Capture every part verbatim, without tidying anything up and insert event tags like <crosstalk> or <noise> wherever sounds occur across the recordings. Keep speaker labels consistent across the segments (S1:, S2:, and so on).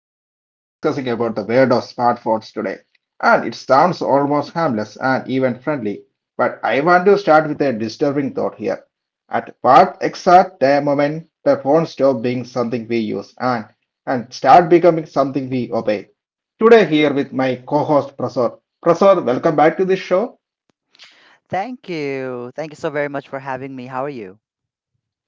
S1: Today we are discussing about the world of smartphones today. And it sounds almost harmless and even friendly, but I want to start with a disturbing thought here. At what exact time moment the phone stop being something we use and and start becoming something we obey. Today here with my co-host Prasad. Prasad, welcome back to this show.
S2: Thank you. Thank you so very much for having me. How are you?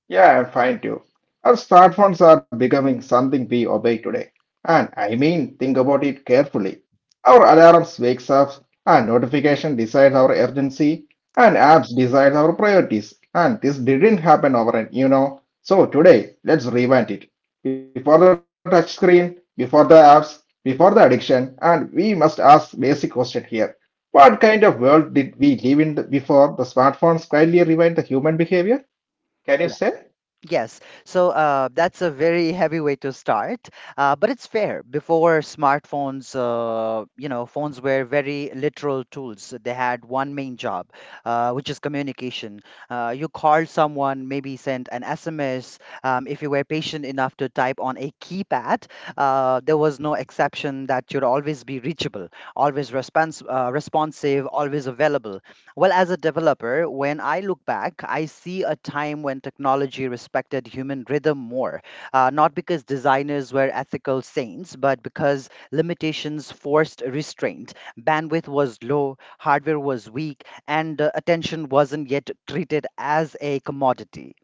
S1: Yeah, I'm fine too. Our smartphones are becoming something we obey today. And I mean, think about it carefully. Our alarms wakes up, and notification decides our urgency, and apps decides our priorities. And this didn't happen overnight, you know. So today, let's revamp it. Before the touchscreen, before the apps, before the addiction, and we must ask basic question here. What kind of world did we live in before the smartphones quietly rewind the human behavior? Can you
S2: Yeah.
S1: say?
S2: Yes. So uh, that's a very <laughs> heavy way to start, uh, but it's fair. Before smartphones, uh, you know, phones were very literal tools. They had one main job, uh, which is communication. Uh, you called someone, maybe sent an S M S. Um, if you were patient enough to type on a keypad, uh, there was no exception that you'd always be reachable, always respons- uh, responsive, always available. Well, as a developer, when I look back, I see a time when technology respected human rhythm more, uh, not because designers were ethical saints, but because limitations forced restraint. Bandwidth was low, hardware was weak, and uh, attention wasn't yet treated as a commodity.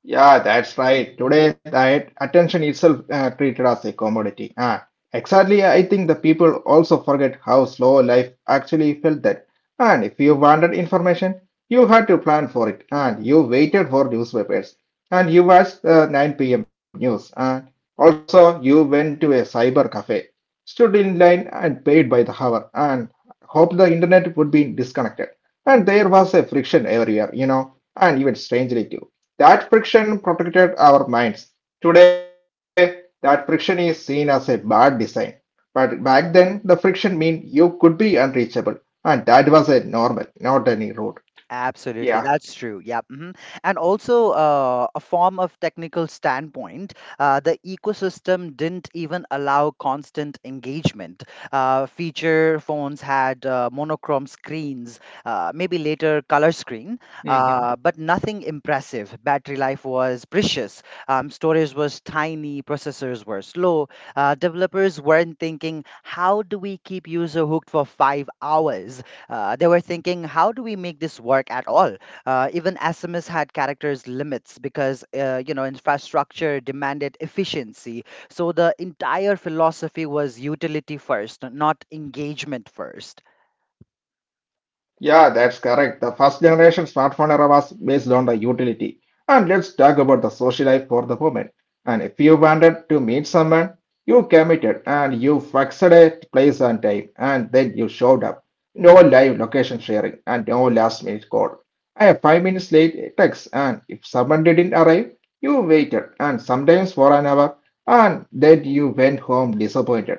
S1: Yeah, that's right. Today, that attention itself uh, treated as a commodity. Ah, exactly. I think the people also forget how slow life actually felt that. And if you wanted information, you had to plan for it, and you waited for newspapers, and you watched the nine p m news, and also you went to a cyber cafe, stood in line, and paid by the hour, and hoped the internet would be disconnected. And there was a friction everywhere, you know, and even strangely too. That friction protected our minds. Today, that friction is seen as a bad design. But back then, the friction mean you could be unreachable, and that was a normal, not any road. Yeah.
S2: Absolutely, that's true. Yeah. Hmm and also uh, a form of technical standpoint, uh, the ecosystem didn't even allow constant engagement. Uh, feature phones had uh, monochrome screens, uh, maybe later color screen, uh, but nothing impressive. Battery life was precious. Um, storage was tiny. Processors were slow. Uh, developers weren't thinking, how do we keep user hooked for five hours? Uh, they were thinking, how do we make this work at all? Uh, even S M S had characters limits because uh, you know infrastructure demanded efficiency. So the entire philosophy was utility first, not engagement first.
S1: Yeah, that's correct. The first generation smartphone era was based on the utility. And let's talk about the social life for the moment. And if you wanted to meet someone, you committed and you fixed a place and time and then you showed up. No live location sharing and no last minute call. I have five minutes late text and if someone didn't arrive, you waited and sometimes for an hour and then you went home disappointed.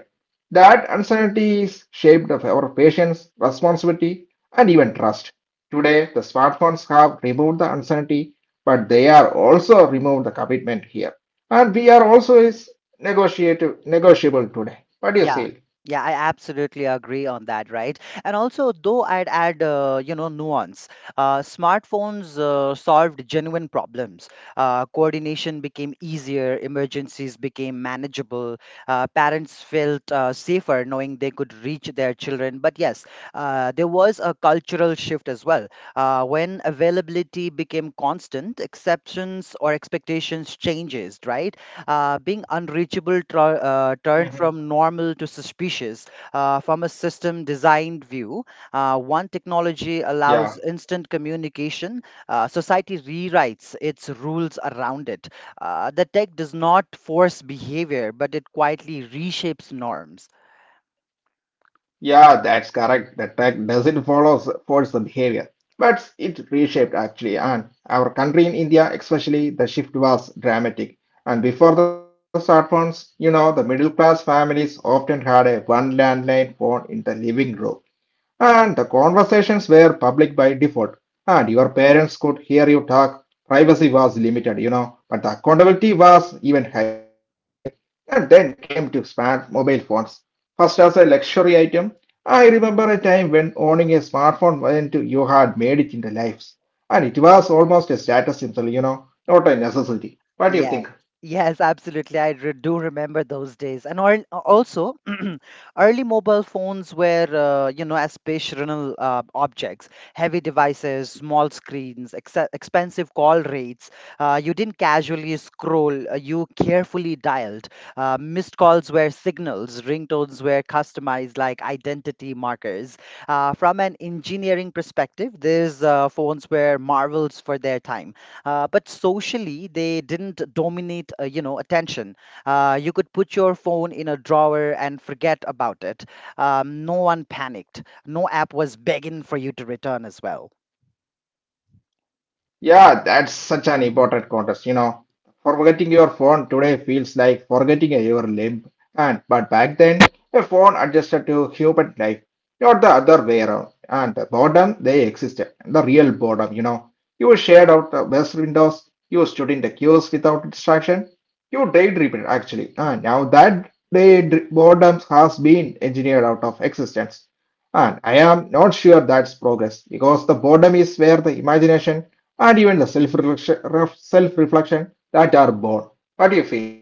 S1: That uncertainty is shaped of our patience, responsibility, and even trust. Today, the smartphones have removed the uncertainty, but they are also removed the commitment here. And we are also is negotiative, negotiable today. What do you
S2: Yeah.
S1: say?
S2: Yeah, I absolutely agree on that, right? And also, though I'd add, uh, you know, nuance. Uh, smartphones uh, solved genuine problems. Uh, coordination became easier, emergencies became manageable. Uh, parents felt uh, safer knowing they could reach their children. But yes, uh, there was a cultural shift as well. Uh, when availability became constant, exceptions or expectations changes, right? Uh, being unreachable tr- uh,
S1: Hmm.
S2: turned from normal to suspicious. Uh, from a system designed view, uh, one technology
S1: Yeah,
S2: allows instant communication. Uh, society rewrites its rules around it. Uh, the tech does not force behavior, but it quietly reshapes norms.
S1: yeah, that's correct. The tech doesn't follow s- force the behavior, but it reshaped actually. And our country in India, especially, the shift was dramatic. And before the smartphones, you know, the middle class families often had a one landline phone in the living room. And the conversations were public by default, and your parents could hear you talk. Privacy was limited, you know, but the accountability was even high. And then came to smart mobile phones. First, as a luxury item, I remember a time when owning a smartphone meant you had made it into lives. And it was almost a status symbol, you know, not a necessity. What do you
S2: Yeah.
S1: think?
S2: Yes, absolutely. I re do remember those days. And al also, <clears throat> early mobile phones were, uh, you know, aspirational uh, objects, heavy devices, small screens, ex expensive call rates. Uh, you didn't casually scroll, uh, you carefully dialed. Uh, missed calls were signals, ringtones were customized like identity markers. Uh, from an engineering perspective, these uh, phones were marvels for their time, uh, but socially they didn't dominate uh, you know attention. Uh, you could put your phone in a drawer and forget about it. Um, no one panicked. No app was begging for you to return as well.
S1: Yeah, that's such an important contest. You know, forgetting your phone today feels like forgetting your limb. And but back then, a phone adjusted to human life, not the other way around. And the boredom, they existed. The real boredom, you know. You shared out the best windows. You stood in the queues without distraction. You daydreamed actually. And now that day boredom has been engineered out of existence. And I am not sure that's progress because the boredom is where the imagination and even the self reflection that are born. What do you feel?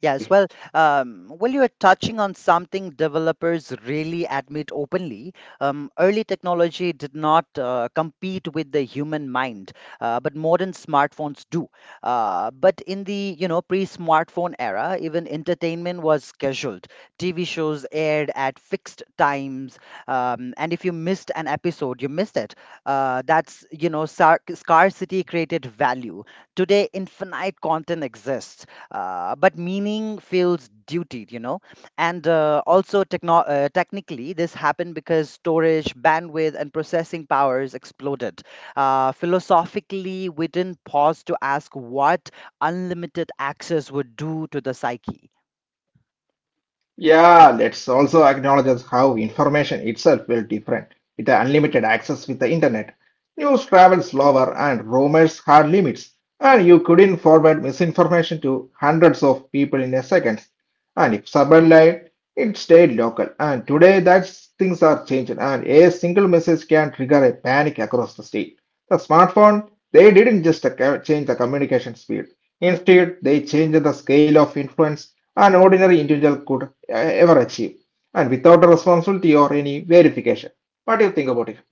S2: Yes, well, um, well, you are touching on something developers really admit openly. Um, early technology did not uh, compete with the human mind, uh, but modern smartphones do. Uh, but in the you know pre-smartphone era, even entertainment was scheduled. T V shows aired at fixed times, um, and if you missed an episode, you missed it. Uh, that's you know sar- Scarcity created value. Today, infinite content exists, uh, but meaning feels duty, you know. And uh, also, techno- uh, technically, this happened because storage, bandwidth, and processing powers exploded. Uh, philosophically, we didn't pause to ask what unlimited access would do to the psyche.
S1: Yeah, let's also acknowledge as how information itself will different with the unlimited access with the internet. News travels slower and rumors had limits, and you couldn't forward misinformation to hundreds of people in a second. And if someone lied, it stayed local. And today, that's things are changed, and a single message can trigger a panic across the state. The smartphone, they didn't just uh, change the communication speed. Instead, they changed the scale of influence an ordinary individual could uh, ever achieve, and without a responsibility or any verification. What do you think about it?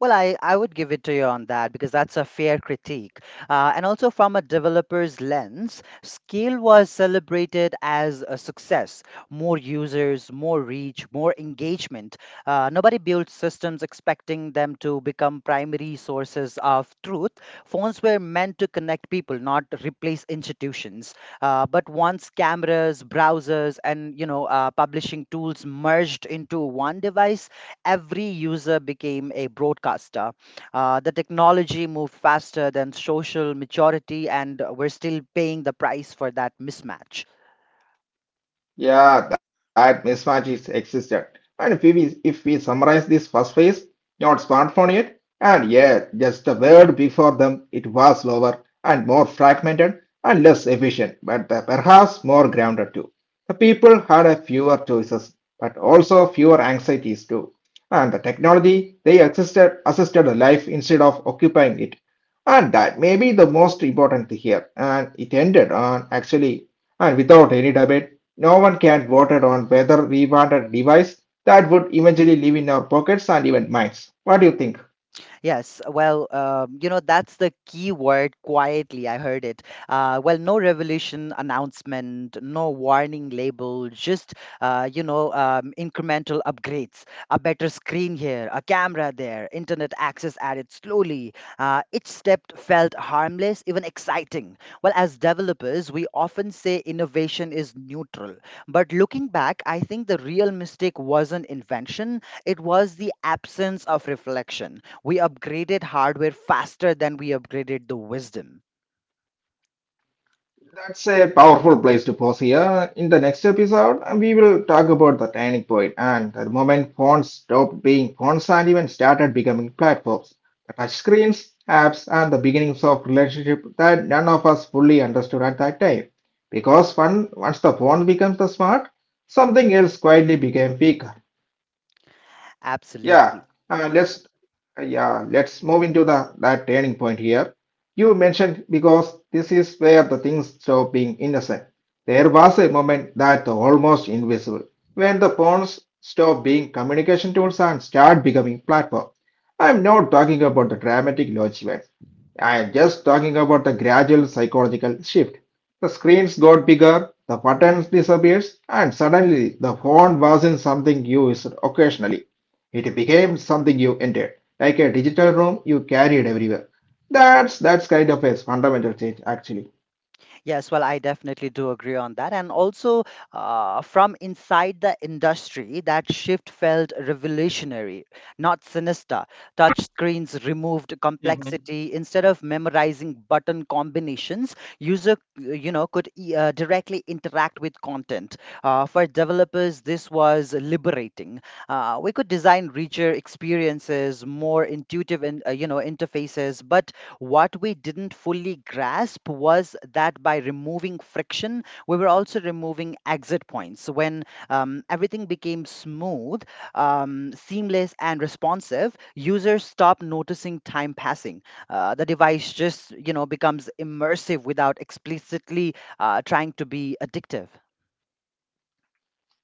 S2: Well, I, I would give it to you on that because that's a fair critique. Uh, and also, from a developer's lens, scale was celebrated as a success: more users, more reach, more engagement. Uh, nobody built systems expecting them to become primary sources of truth. Phones were meant to connect people, not replace institutions. Uh, but once cameras, browsers, and you know, uh, publishing tools merged into one device, every user became a broadcaster. Uh, the technology moved faster than social maturity, and we're still paying the price for that mismatch.
S1: Yeah, that mismatch is existed. And if we if we summarize this first phase, not smartphone yet, and yeah, just the word before them, it was slower and more fragmented and less efficient, but the- perhaps more grounded too. The people had a fewer choices, but also fewer anxieties too. And the technology they assisted assisted the life instead of occupying it. And that may be the most important here. And it ended on actually and without any debate, no one can voted on whether we want a device that would eventually live in our pockets and even minds. What do you think?
S2: Yes, well, um, you know, that's the key word: quietly. I heard it. Uh, well, no revolution announcement, no warning label, just, uh, you know, um, incremental upgrades. A better screen here, a camera there, internet access added slowly. Uh, each step felt harmless, even exciting. Well, as developers, we often say innovation is neutral. But looking back, I think the real mistake wasn't invention, it was the absence of reflection. We upgraded hardware faster than we upgraded the wisdom.
S1: That's a powerful place to pause here. In the next episode, we will talk about the turning point and the moment phones stopped being phones and even started becoming platforms, the touchscreens, apps, and the beginnings of relationship that none of us fully understood at that time. Because one, once the phone becomes the smart, something else quietly became big. Yeah,
S2: Absolutely.
S1: uh, let's uh, yeah, let's move into the that turning point here. You mentioned because this is where the things stop being innocent. There was a moment that almost invisible when the pawns stop being communication tools and start becoming platform. I'm not talking about the dramatic launch events. I'm just talking about the gradual psychological shift. The screens got bigger, the buttons disappears, and suddenly the phone wasn't something you used occasionally. It became something you entered, like a digital room you carried everywhere. That's that's kind of a fundamental change, actually.
S2: Yes, well, I definitely do agree on that. And also, uh, from inside the industry, that shift felt revolutionary, not sinister. Touchscreens removed complexity. Instead of memorizing button combinations, user, you know, could e- uh, directly interact with content. Uh, for developers, this was liberating. Uh, we could design richer experiences, more intuitive, in, uh, you know, interfaces, but what we didn't fully grasp was that by removing friction, we were also removing exit points. So when um, everything became smooth, um, seamless, and responsive, users stop noticing time passing. Uh, the device just you know becomes immersive without explicitly uh, trying to be addictive.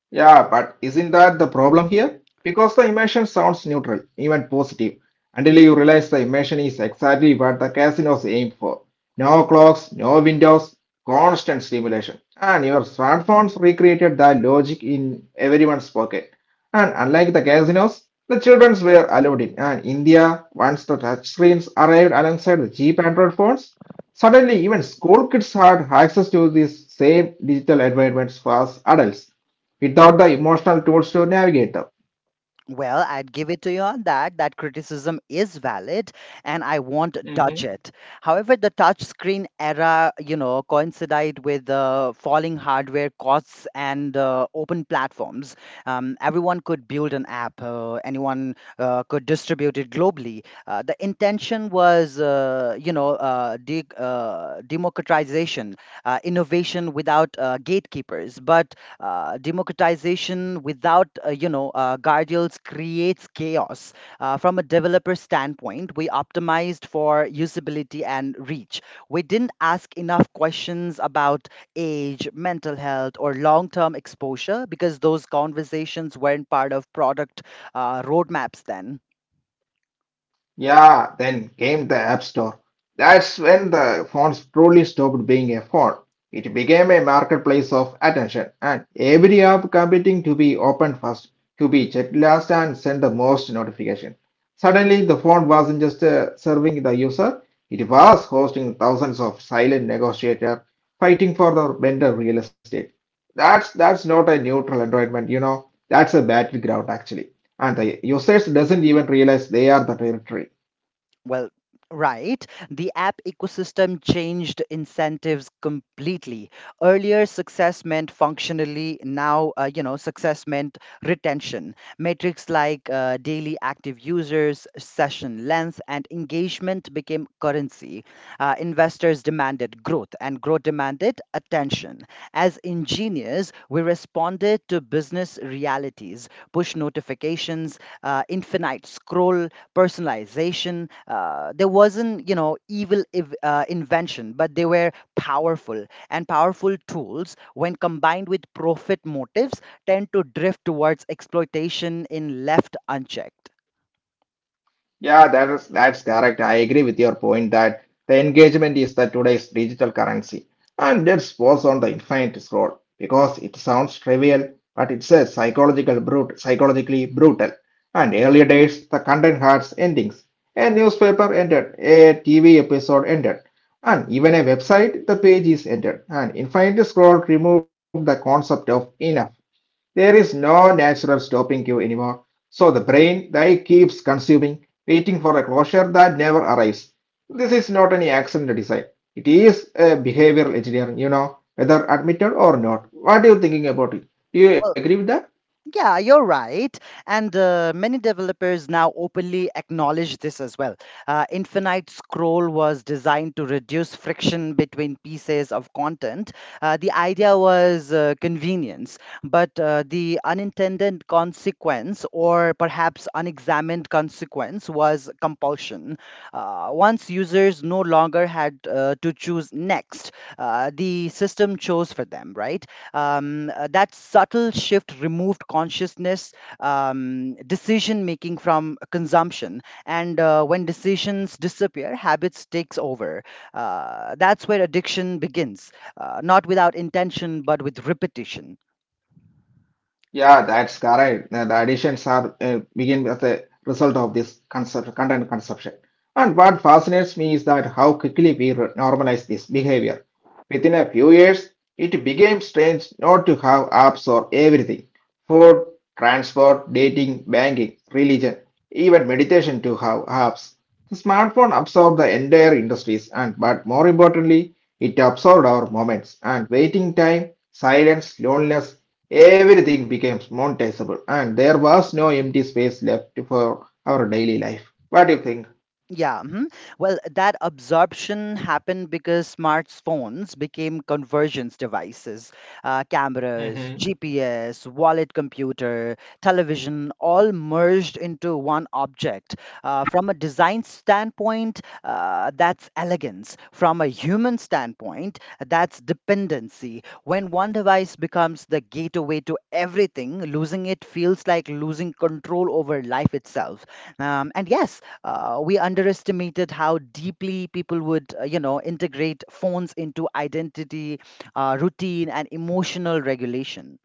S1: Yeah, but isn't that the problem here? Because the emotion sounds neutral, even positive, until you realize the emotion is exactly what the casinos aim for. No clocks, no windows, constant stimulation. And your smartphones recreated that logic in everyone's pocket. And unlike the casinos, the children were allowed in. And India, once the touchscreens arrived alongside the cheap Android phones, suddenly even school kids had access to these same digital environments for us adults without the emotional tools to navigate them.
S2: Well, I'd give it to you on that. That criticism is valid, and I won't dodge
S1: Hmm.
S2: it. However, the touchscreen era, you know, coincided with the falling hardware costs and uh, open platforms. Um, everyone could build an app. Uh, anyone uh, could distribute it globally. Uh, the intention was, uh, you know, uh, de- uh, democratization, uh, innovation without uh, gatekeepers. But uh, democratization without uh, you know uh, guardrails creates chaos. Uh, from a developer standpoint, we optimized for usability and reach. We didn't ask enough questions about age, mental health, or long-term exposure, because those conversations weren't part of product uh, roadmaps then.
S1: Yeah, then came the App Store. That's when the phones truly stopped being a phone. It became a marketplace of attention, and every app competing to be opened first, to be checked last, and send the most notification. Suddenly, the phone wasn't just uh, serving the user, it was hosting thousands of silent negotiators fighting for the vendor real estate. That's that's not a neutral environment, you know. That's a battleground, actually. And the users doesn't even realize they are the territory.
S2: Well, right. The app ecosystem changed incentives completely. Earlier, success meant functionally. Now, uh, you know, success meant retention. Metrics like uh, daily active users, session length, and engagement became currency. Uh, investors demanded growth, and growth demanded attention. As engineers, we responded to business realities: push notifications, uh, infinite scroll, personalization. Uh, there wasn't, you know, evil ev- uh, invention, but they were powerful. And powerful tools, when combined with profit motives, tend to drift towards exploitation in left unchecked.
S1: Yeah, that is that's correct. I agree with your point that the engagement is the today's digital currency. And let's pause on the infinite scroll because it sounds trivial, but it's a psychological brut psychologically brutal. And earlier days, the content had endings. A newspaper ended, a T V episode ended, and even a website, the page is ended. And infinite scroll removed the concept of enough. There is no natural stopping cue anymore. So the brain, they keeps consuming waiting for a closure that never arrives. This is not any accident design. It is a behavioral engineering, you know, whether admitted or not. What are you thinking about it? Do you agree
S2: Well,
S1: with that?
S2: Yeah, you're right. And uh, many developers now openly acknowledge this as well. Uh, Infinite Scroll was designed to reduce friction between pieces of content. Uh, the idea was uh, convenience, but uh, the unintended consequence, or perhaps unexamined consequence, was compulsion. Uh, once users no longer had uh, to choose next, uh, the system chose for them, right? Um, uh, that subtle shift removed consciousness, um, decision making from consumption, and uh, when decisions disappear, habits takes over. Uh, that's where addiction begins, uh, not without intention but with repetition.
S1: Yeah, that's correct. Uh, The additions are uh, begin as a result of this concept, content consumption. And what fascinates me is that how quickly we re- normalize this behavior. Within a few years, it became strange not to have apps or everything. Food, transport, dating, banking, religion, even meditation to have apps. The smartphone absorbed the entire industries and but more importantly, it absorbed our moments and waiting time, silence, loneliness, everything became monetizable, and there was no empty space left for our daily life. What do you think?
S2: Yeah, mhm. well, that absorption happened because smartphones became convergence devices. Uh,
S1: Mhm.
S2: cameras, G P S, wallet computer, television all merged into one object. Uh, from a design standpoint, uh, that's elegance. From a human standpoint, that's dependency. When one device becomes the gateway to everything, losing it feels like losing control over life itself. Um, and yes, uh, we underestimated how deeply people would, uh, you know, integrate phones into identity, uh, routine, and emotional regulation.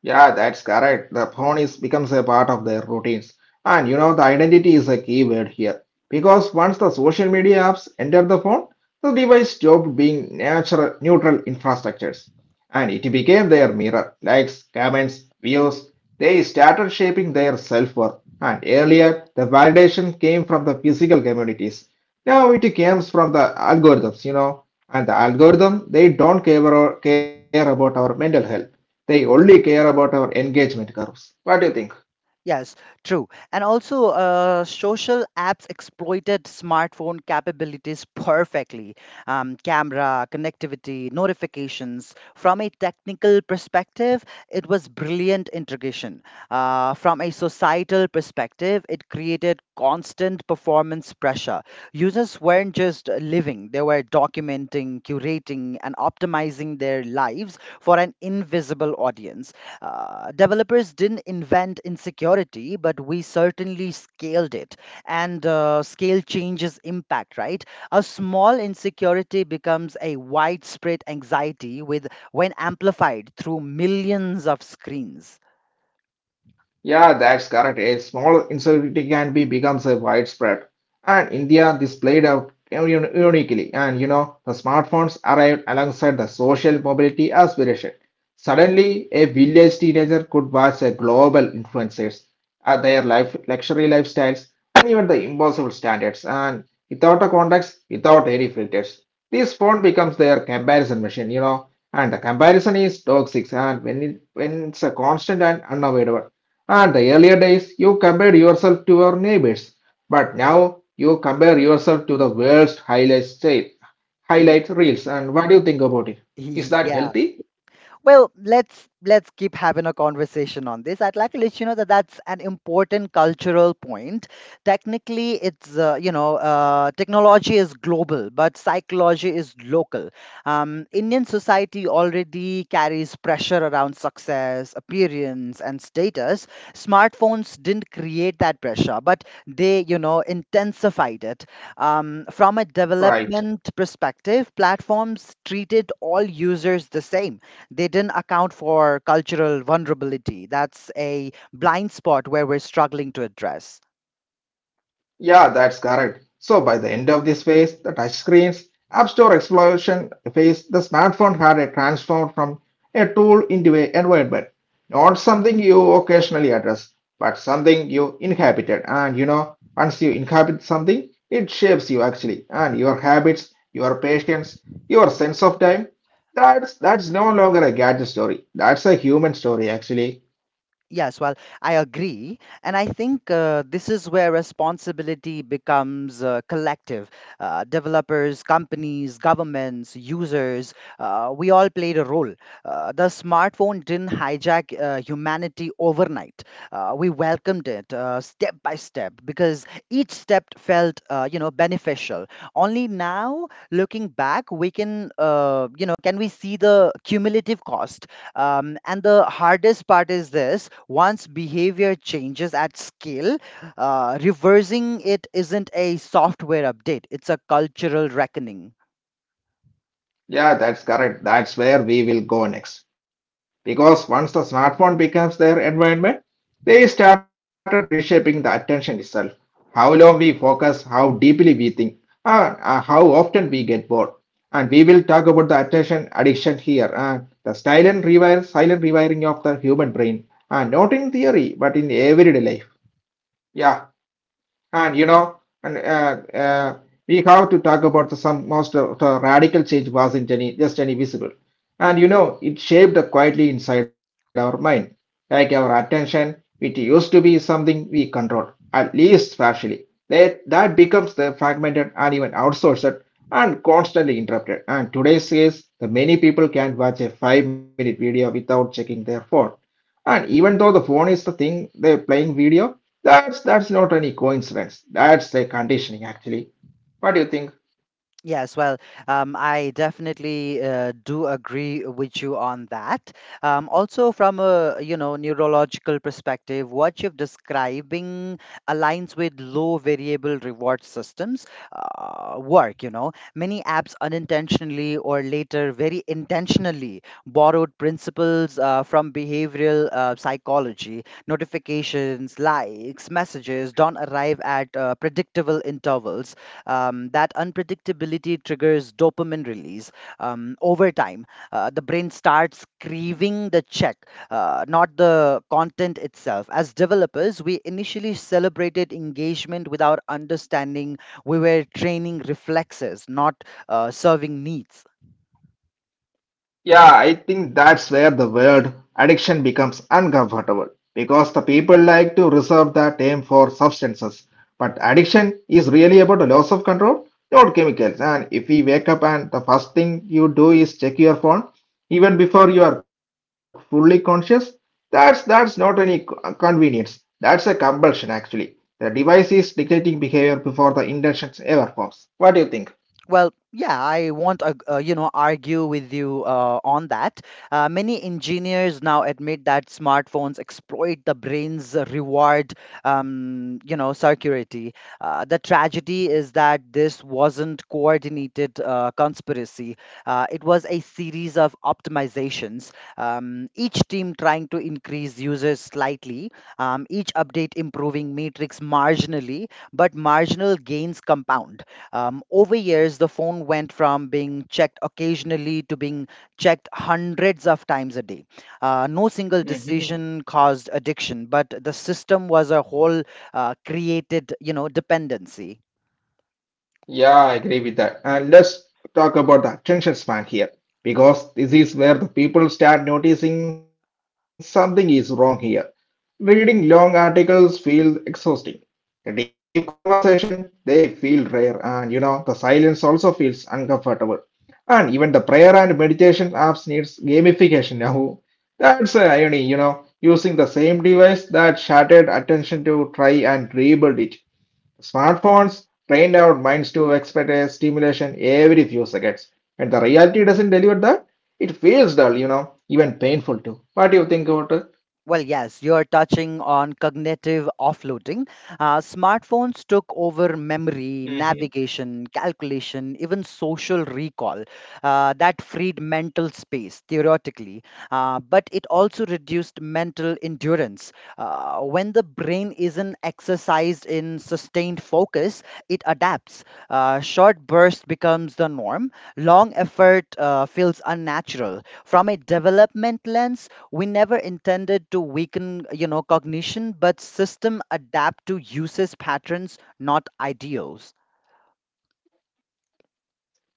S1: Yeah, that's correct. The phone is becomes a part of their routines. And you know, the identity is a key word here. Because once the social media apps enter the phone, the device stopped being natural neutral infrastructures. And it became their mirror. Likes, comments, views. They started shaping their self-worth. And earlier, the validation came from the physical communities. Now it comes from the algorithms, you know. And the algorithm, they don't care, care about our mental health, they only care about our engagement curves. What do you think?
S2: Yes, true. And also, uh, social apps exploited smartphone capabilities perfectly. Um, camera, connectivity, notifications. From a technical perspective, it was brilliant integration. Uh, from a societal perspective, it created constant performance pressure. Users weren't just living, they were documenting, curating, and optimizing their lives for an invisible audience. Uh, developers didn't invent insecurity, but we certainly scaled it. And uh, scale changes impact, right? A small insecurity becomes a widespread anxiety with when amplified through millions of screens.
S1: Yeah, that's correct. A small insecurity can be becomes a widespread. And India this played out un- uniquely. And you know, the smartphones arrived alongside the social mobility aspiration. Suddenly, a village teenager could watch a global influencers at their life luxury lifestyles and even the impossible standards. And without a context, without any filters, this phone becomes their comparison machine. You know, and the comparison is toxic. And when it when it's a constant and unavoidable. At the earlier days, you compared yourself to your neighbors, but now you compare yourself to the world's highlight,
S2: Mm,
S1: highlight reels. And what do you think about
S2: <laughs>
S1: it? Is that
S2: yeah.
S1: healthy?
S2: Well, let's let's keep having a conversation on this. I'd like to let you know that that's an important cultural point. Technically, it's uh, you know uh, technology is global, but psychology is local. Um, Indian society already carries pressure around success, appearance, and status. Smartphones didn't create that pressure, but they you know intensified it. Um, from a
S1: Right.
S2: development perspective, platforms treated all users the same. They didn't account for cultural vulnerability. That's a blind spot where we're struggling to address.
S1: Yeah, that's correct. So by the end of this phase, the touchscreens, App Store explosion phase, the smartphone had a transformed from a tool into an environment. Not something you occasionally address, but something you inhabited. And you know, once you inhabit something, it shapes you actually, and your habits, your patience, your sense of time. That's that's no longer a gadget story. That's a human story actually.
S2: Yes, well, I agree. And I think uh, this is where responsibility becomes uh, collective. Uh, developers, companies, governments, users, uh, we all played a role. Uh, the smartphone didn't hijack uh, humanity overnight. Uh, we welcomed it uh, step by step because each step felt, uh, you know, beneficial. Only now, looking back, we can, uh, you know, can we see the cumulative cost? Um, and the hardest part is this: once behavior changes at scale, uh, reversing it isn't a software update, it's a cultural reckoning.
S1: Yeah, that's correct. That's where we will go next. Because once the smartphone becomes their environment, they started reshaping the attention itself. How long we focus, how deeply we think, and uh, how often we get bored. And we will talk about the attention addiction here and the silent rewire, silent rewiring of the human brain. And not in theory, but in everyday life. Yeah. And you know, and uh, uh, we have to talk about the, some most of the radical change wasn't any just any visible. And you know, it shaped quietly inside our mind. Like our attention, it used to be something we controlled, at least partially. That that becomes the fragmented and even outsourced and constantly interrupted. And today's case, the many people can watch a five-minute video without checking their phone. And even though the phone is the thing they're playing video, that's that's not any coincidence. That's a conditioning actually. What do you think?
S2: Yes, well, um, I definitely uh, do agree with you on that. Um, also, from a you know neurological perspective, what you're describing aligns with low variable reward systems uh, work. You know, many apps unintentionally or later very intentionally borrowed principles uh, from behavioral uh, psychology. Notifications, likes, messages don't arrive at uh, predictable intervals. Um, that unpredictability triggers dopamine release. Um, over time, uh, the brain starts craving the check, uh, not the content itself. As developers, we initially celebrated engagement without understanding we were training reflexes, not uh, serving needs.
S1: Yeah, I think that's where the word addiction becomes uncomfortable because the people like to reserve the term for substances. But addiction is really about the loss of control, not chemicals. And if we wake up and the first thing you do is check your phone, even before you are fully conscious, that's that's not any co- convenience. That's a compulsion actually. The device is dictating behavior before the intentions ever forms. What do you think?
S2: Well, yeah, I won't, ag- uh, you know, argue with you uh, on that. Uh, many engineers now admit that smartphones exploit the brain's reward, um, you know, circuity. Uh, the tragedy is that this wasn't coordinated uh, conspiracy. Uh, it was a series of optimizations. Um, each team trying to increase users slightly, um, each update improving metrics marginally, but marginal gains compound. Um, over years, the phone went from being checked occasionally to being checked hundreds of times a day. Uh, no single decision caused addiction, but the system was a whole uh, created, you know, dependency.
S1: Yeah, I agree with that. And let's talk about the attention span here, because this is where the people start noticing something is wrong here. Reading long articles feels exhausting. A deep conversation, they feel rare, and you know, the silence also feels uncomfortable. And even the prayer and meditation apps needs gamification now. That's the irony, you know, using the same device that shattered attention to try and rebuild it. Smartphones trained our minds to expect a stimulation every few seconds, and the reality doesn't deliver that. It feels dull, you know, even painful too. What do you think about
S2: Well, yes, you're touching on cognitive offloading. Uh, smartphones took over memory,
S1: it?
S2: navigation, calculation, even social recall. Uh, that freed mental space, theoretically, uh, but it also reduced mental endurance. Uh, when the brain isn't exercised in sustained focus, it adapts. Uh, short burst becomes the norm, long effort uh, feels unnatural. From a development lens, we never intended to weaken you know cognition, but system adapt to uses patterns, not ideals.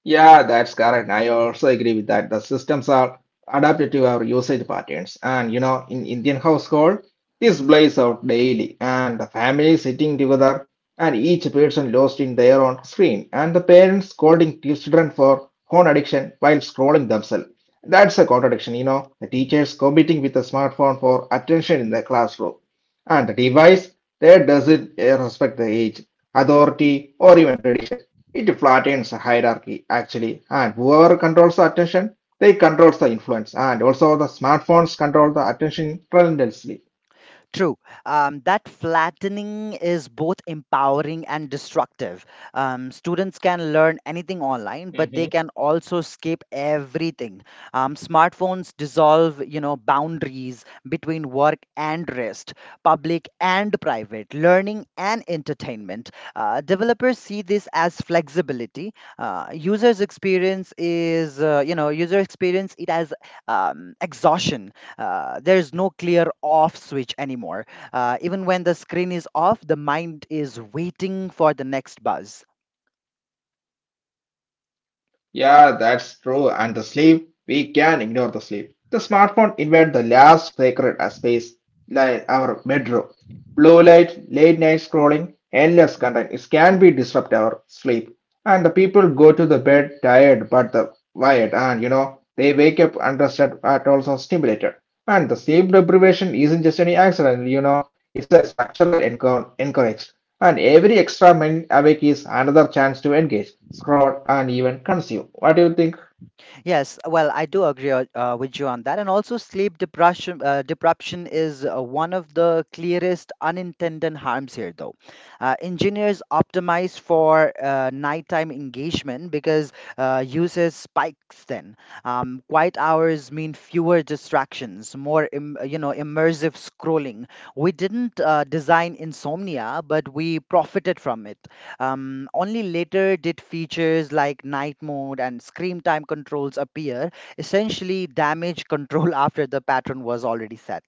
S1: Yeah, that's correct. I also agree with that. The systems are adapted to our usage patterns. And you know, in Indian household, this plays out daily, and the family sitting together, and each person lost in their own screen, and the parents scolding children for phone addiction while scrolling themselves. That's a contradiction, you know. The teachers competing with the smartphone for attention in the classroom, and the device there doesn't uh, respect the age, authority, or even tradition. It flattens hierarchy actually, and whoever controls the attention, they controls the influence, and also the smartphones control the attention tremendously.
S2: True. Um, that flattening is both empowering and destructive. Um, students can learn anything online, but they can also skip everything. Um, smartphones dissolve, you know, boundaries between work and rest, public and private, learning and entertainment. Uh, developers see this as flexibility. Uh, users experience is, uh, you know, User experience it as um, exhaustion. Uh, there's no clear off switch anymore. Uh, even when the screen is off, the mind is waiting for the next buzz.
S1: Yeah, that's true. And the sleep, we can ignore the sleep. The smartphone invade the last sacred space, like our bedroom. Blue light, late night scrolling, endless content. It can be disrupt our sleep. And the people go to the bed tired but the wired, and you know they wake up unrested but also stimulated. And the sleep deprivation isn't just any accident, you know, it's a structural encou- encourage. And every extra min- awake is another chance to engage, scroll, and even consume. What do you think?
S2: Yes, well, I do agree o- uh, with you on that. And also, sleep depression, uh, deprivation is uh, one of the clearest unintended harms here, though. Uh, engineers optimize for uh, nighttime engagement because uh, users spikes then. Um, quiet hours mean fewer distractions, more im- you know immersive scrolling. We didn't uh, design insomnia, but we profited from it. Um, only later did features like night mode and screen time controls appear, essentially damage control <laughs> after the pattern was already set.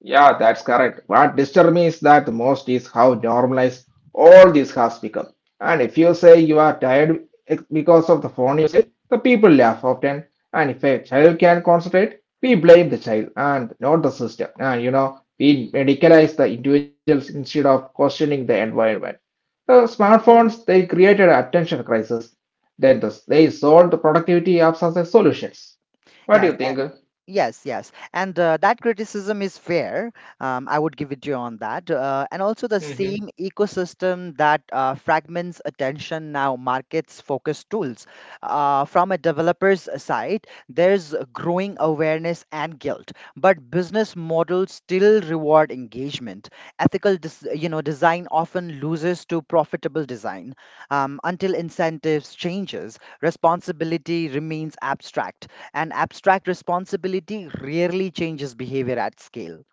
S1: Yeah, that's correct. What disturbs me is that the most is how normalized all this has become. And if you say you are tired ex- because of the phone usage, the people laugh often. And if a child can concentrate, we blame the child and not the system. And you know, we medicalize the individuals instead of questioning the environment. The smartphones they created an attention crisis. Then the, they sold the productivity apps as a solutions. What do
S2: Yes,
S1: you
S2: and,
S1: think?
S2: yes, yes. And uh, That criticism is fair. Um, I would give it to you on that. Uh, and also, the same ecosystem that uh, fragments attention now markets focus tools. Uh, from a developer's side, there's growing awareness and guilt, but business models still reward engagement. Ethical, dis- you know, design often loses to profitable design um, until incentives changes. Responsibility remains abstract, and abstract responsibility rarely changes behavior at scale.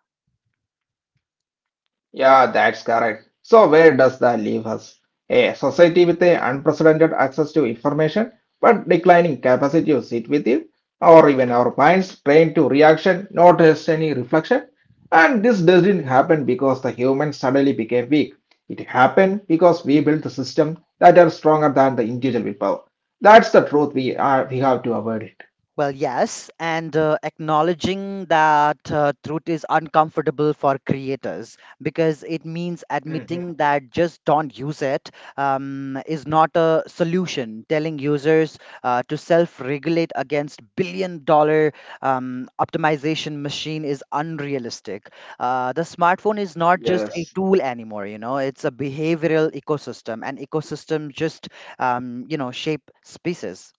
S1: Yeah, that's correct. So where does that leave us? A society with a unprecedented access to information, but declining capacity to sit with it, or even our minds trained to reaction, not just any reflection. And this doesn't happen because the humans suddenly became weak. It happened because we built the system that are stronger than the individual willpower. That's the truth we are we have to avoid it.
S2: Well, yes, and uh, Acknowledging that uh, truth is uncomfortable for creators because it means
S1: Mhm.
S2: admitting that just don't use it um, is not a solution. Telling users uh, to self regulate against billion dollar um, optimization machine is unrealistic. Uh, the smartphone is not
S1: Yes.
S2: just a tool anymore, you know, it's a behavioral ecosystem, and ecosystems just, um, you know, shape species.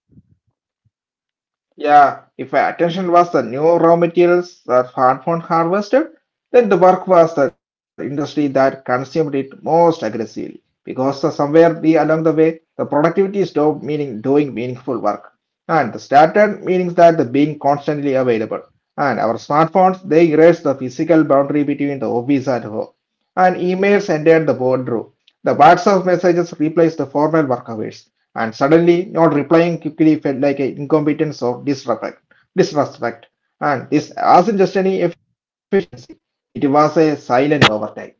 S1: Yeah, if our attention was the new raw materials that smartphone harvested, then the work was the industry that consumed it most aggressively. Because the somewhere we along the way, the productivity stopped meaning doing meaningful work. And the started meaning that the being constantly available. And our smartphones, they erased the physical boundary between the office and home. And emails entered the boardroom. The WhatsApp messages replaced the formal work hours. And suddenly, not replying quickly felt like an incompetence or disrespect. Disrespect. And this wasn't just any efficiency; it was a silent overtake.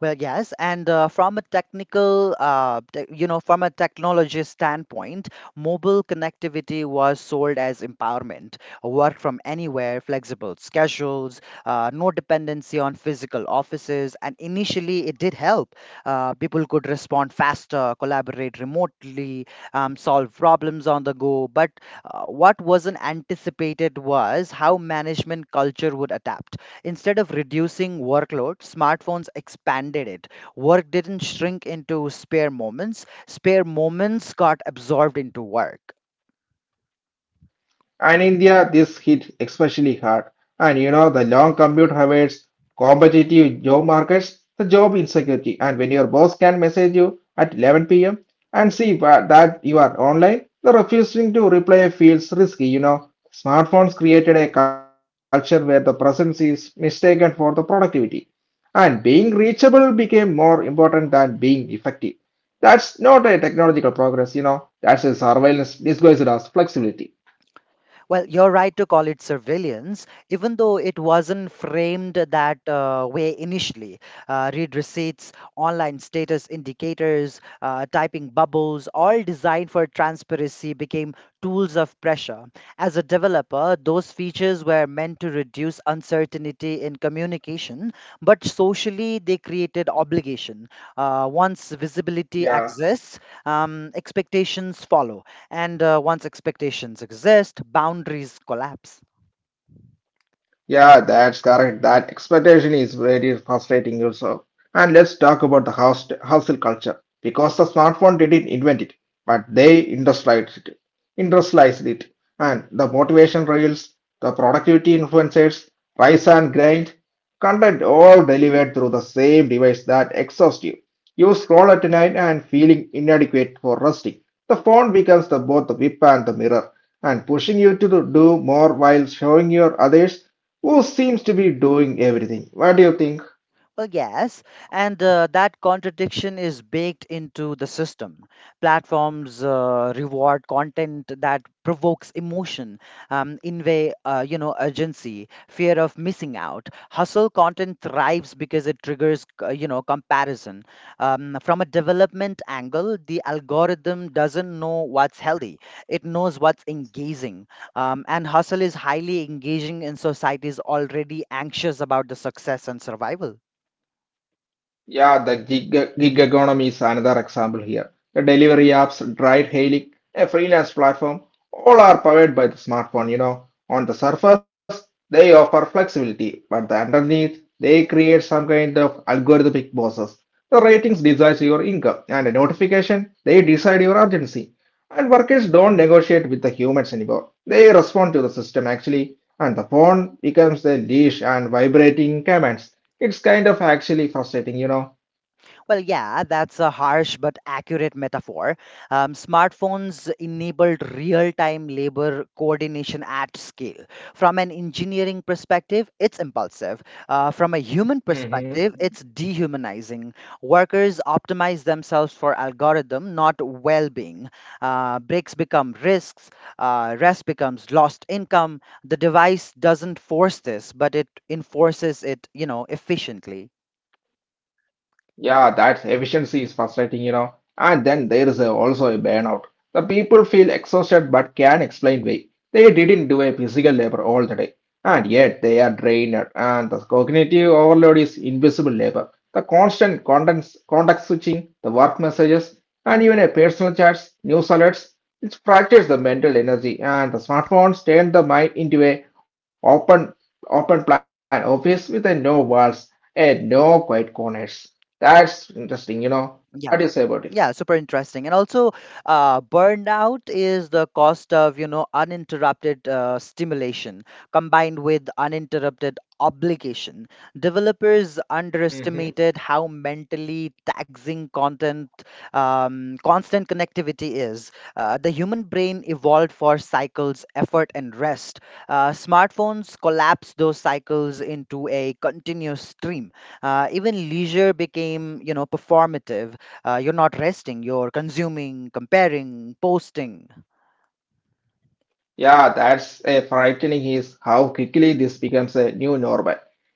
S2: Well, yes, and uh, from a technical, uh, te- you know, from a technology standpoint, mobile connectivity was sold as empowerment, work from anywhere, flexible schedules, uh, no dependency on physical offices, and initially it did help. Uh, people could respond faster, collaborate remotely, um, solve problems on the go. But uh, what wasn't anticipated was how management culture would adapt. Instead of reducing workload, smartphones expanded it. Work didn't shrink into spare moments, spare moments got absorbed into work.
S1: And India, this hit especially hard. And you know, the long commute habits, competitive job markets, the job insecurity, and when your boss can message you at eleven p m and see wha- that you are online, the refusing to reply feels risky. You know, smartphones created a culture where the presence is mistaken for the productivity, and being reachable became more important than being effective. That's not a technological progress, you know, that's a surveillance disguised as flexibility.
S2: Well, you're right to call it surveillance, even though it wasn't framed that uh, way initially. Uh, read receipts, online status indicators, uh, typing bubbles, all designed for transparency, became tools of pressure. As a developer, those features were meant to reduce uncertainty in communication, but socially they created obligation. Uh, once visibility
S1: Yeah,
S2: exists, um, expectations follow. And uh, once expectations exist, boundaries collapse.
S1: yeah, that's correct. That expectation is very frustrating yourself. And let's talk about the hust- hustle culture because the smartphone didn't invent it, but they industrialized it, industrialized it. And the motivation reels, the productivity influencers, rise and grind, content all delivered through the same device that exhausts you. You scroll at night and feeling inadequate for resting. The phone becomes the both the whip and the mirror and pushing you to do more while showing your others who seems to be doing everything. What do you think?
S2: Well, yes, and uh, That contradiction is baked into the system. Platforms uh, reward content that provokes emotion, um, invade, uh, you know, urgency, fear of missing out. Hustle content thrives because it triggers, c- you know, comparison. Um, from a development angle, the algorithm doesn't know what's healthy; it knows what's engaging. Um, and hustle is highly engaging in societies already anxious about the success and survival.
S1: Yeah, the gig, gig economy is another example here. The delivery apps, ride hailing, a freelance platform, all are powered by the smartphone. You know, on the surface, they offer flexibility, but the underneath, they create some kind of algorithmic bosses. The ratings decides your income, and a notification, they decide your urgency. And workers don't negotiate with the humans anymore. They respond to the system actually, and the phone becomes the leash and vibrating commands. It's kind of actually frustrating, you know.
S2: Well, yeah, that's a harsh but accurate metaphor. Um, smartphones enabled real time labor coordination at scale. From an engineering perspective, it's impulsive. Uh, from a human perspective,
S1: Hmm.
S2: it's dehumanizing. Workers optimize themselves for algorithm, not well being. Uh, breaks become risks, uh, rest becomes lost income. The device doesn't force this, but it enforces it, you know, efficiently.
S1: Yeah, that efficiency is frustrating, you know. And then there is a, also a burnout. The people feel exhausted but can explain why they didn't do a physical labor all the day, and yet they are drained. And the cognitive overload is invisible labor. The constant contents, context switching, the work messages, and even a personal chats, news alerts, it fractures the mental energy. And the smartphones turn the mind into a open open plan office with a no walls and no quiet corners. That's interesting, you know.
S2: Yeah,
S1: What do you say about
S2: Yeah, super interesting. And also, uh, burnout is the cost of, you know, uninterrupted uh, stimulation combined with uninterrupted obligation. Developers underestimated
S1: it?
S2: how mentally taxing content, um, constant connectivity is. Uh, the human brain evolved for cycles, effort, and rest. Uh, smartphones collapse those cycles into a continuous stream. Uh, even leisure became, you know, performative. Uh, you're not resting, you're consuming, comparing, posting.
S1: Yeah, that's a frightening is how quickly this becomes a new normal.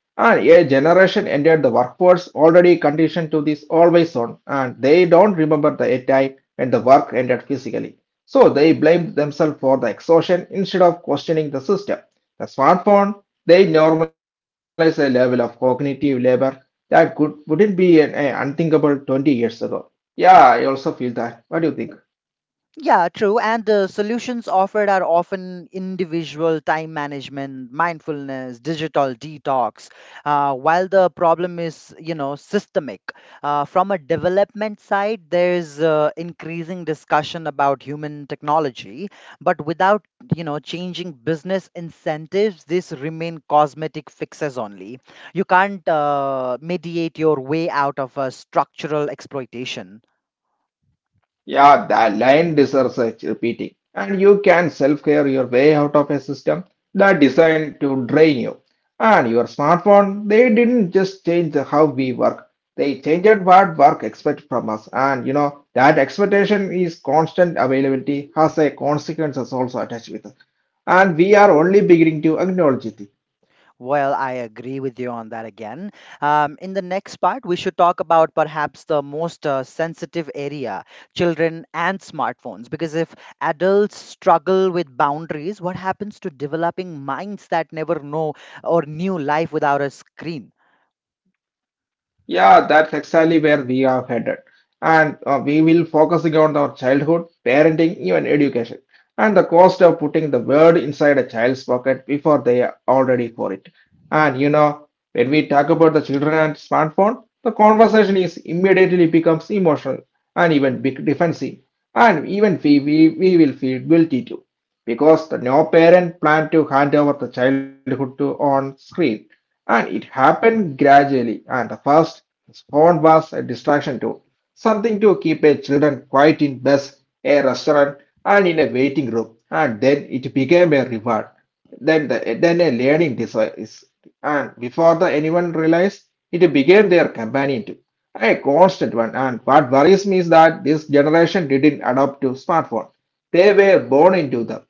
S1: And a generation entered the workforce already conditioned to this always on, and they don't remember the time when the work ended physically. So they blame themselves for the exhaustion instead of questioning the system. The smartphone, they normalize a level of cognitive labor that could wouldn't be an, a unthinkable twenty years ago. Yeah, I also feel that. What do you think?
S2: Yeah, true. And the solutions offered are often individual time management, mindfulness, digital detox, uh, while the problem is, you know, systemic. Uh, from a development side, there is uh, increasing discussion about human technology, but without, you know, changing business incentives, these remain cosmetic fixes only. You can't uh, mediate your way out of a structural exploitation.
S1: Yeah, that line deserves such repeating. And you can self-care your way out of a system that designed to drain you. And your smartphone, they didn't just change how we work. They changed what work expects from us. And you know, that expectation is constant availability has a consequences also attached with it. And we are only beginning to acknowledge it.
S2: Well, I agree with you on that again. Um, in the next part, we should talk about perhaps the most uh, sensitive area, children and smartphones. Because if adults struggle with boundaries, what happens to developing minds that never know or knew life without a screen?
S1: Yeah, that's exactly where we are headed. And uh, we will focusing on our childhood, parenting, even education, and the cost of putting the word inside a child's pocket before they are already for it. And you know, when we talk about the children and smartphone, the conversation is immediately becomes emotional and even big defensive. And even we, we, we will feel guilty too because the no parent planned to hand over the childhood to on screen and it happened gradually and the first phone was a distraction too something to keep a children quiet in bus a restaurant and in a waiting room and then it became a reward then the, then a learning device and before the anyone realized it became their companion too a constant one and what worries me is that this generation didn't adopt to smartphone they were born into them.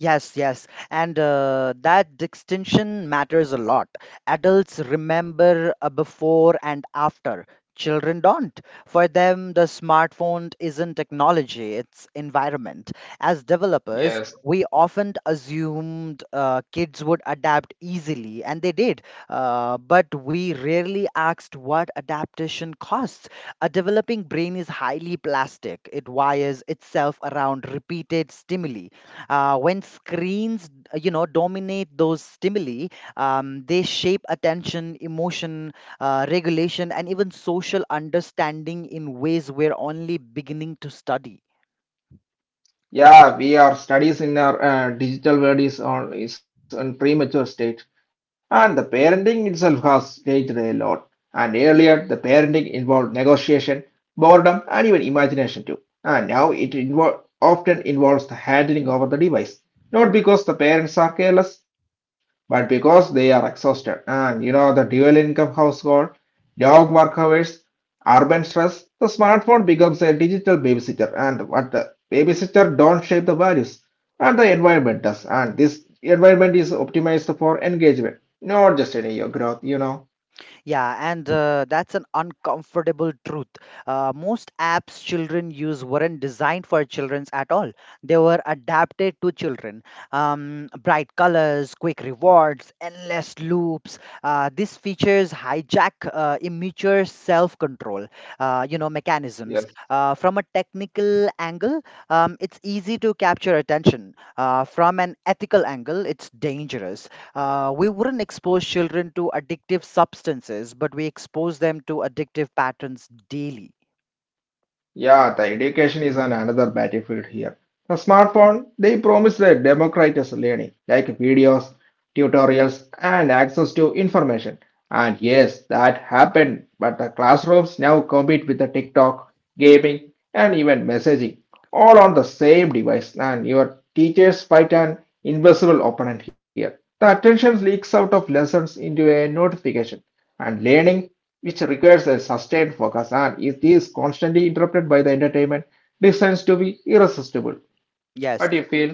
S2: Yes, yes. And uh, That distinction matters a lot. Adults remember a before and after. Children don't. For them, the smartphone isn't technology, it's environment. As developers,
S1: Yes.
S2: we often assumed uh, kids would adapt easily, and they did. Uh, but we rarely asked what adaptation costs. A developing brain is highly plastic, it wires itself around repeated stimuli uh, when screens uh, you know dominate those stimuli. Um, they shape attention, emotion, uh, regulation, and even social understanding in ways we're only beginning to study.
S1: Yeah, we are studies in our uh, digital world is on is on premature state, and the parenting itself has changed a lot. And earlier, the parenting involved negotiation, boredom, and even imagination too. And now it invol often involves the handling over the device, not because the parents are careless, but because they are exhausted. And you know, the dual income household, dog work hours, urban stress, the smartphone becomes a digital babysitter, and what the babysitter don't shape the values, and the environment does, and this environment is optimized for engagement, not just any growth, you know.
S2: Yeah, and uh, That's an uncomfortable truth. Uh, most apps children use weren't designed for children at all. They were adapted to children. Um, bright colors, quick rewards, endless loops. Uh, these features hijack uh, immature self-control, uh, you know, mechanisms.
S1: Yes.
S2: Uh, from a technical angle, um, it's easy to capture attention. Uh, from an ethical angle, it's dangerous. Uh, we wouldn't expose children to addictive substances, but we expose them to addictive patterns daily.
S1: Yeah, the education is an another battlefield here. The smartphone, they promise that democratized learning, like videos, tutorials, and access to information. And yes, that happened, but the classrooms now compete with the TikTok, gaming, and even messaging, all on the same device. And your teachers fight an invisible opponent here. The attention leaks out of lessons into a notification, and learning, which requires a sustained focus and is is constantly interrupted by the entertainment, descends to be irresistible.
S2: Yes,
S1: What do you feel?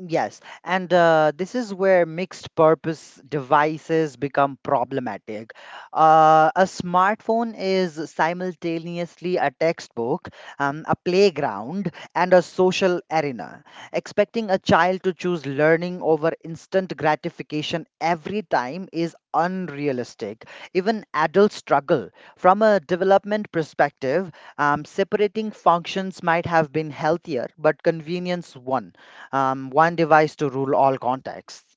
S2: Yes, and uh, this is where mixed purpose devices become problematic. Uh, a smartphone is simultaneously a textbook, um, a playground, and a social arena. Expecting a child to choose learning over instant gratification every time is unrealistic. Even adults struggle. From a development perspective, um, separating functions might have been healthier, but convenience won, um, one device to rule all contexts.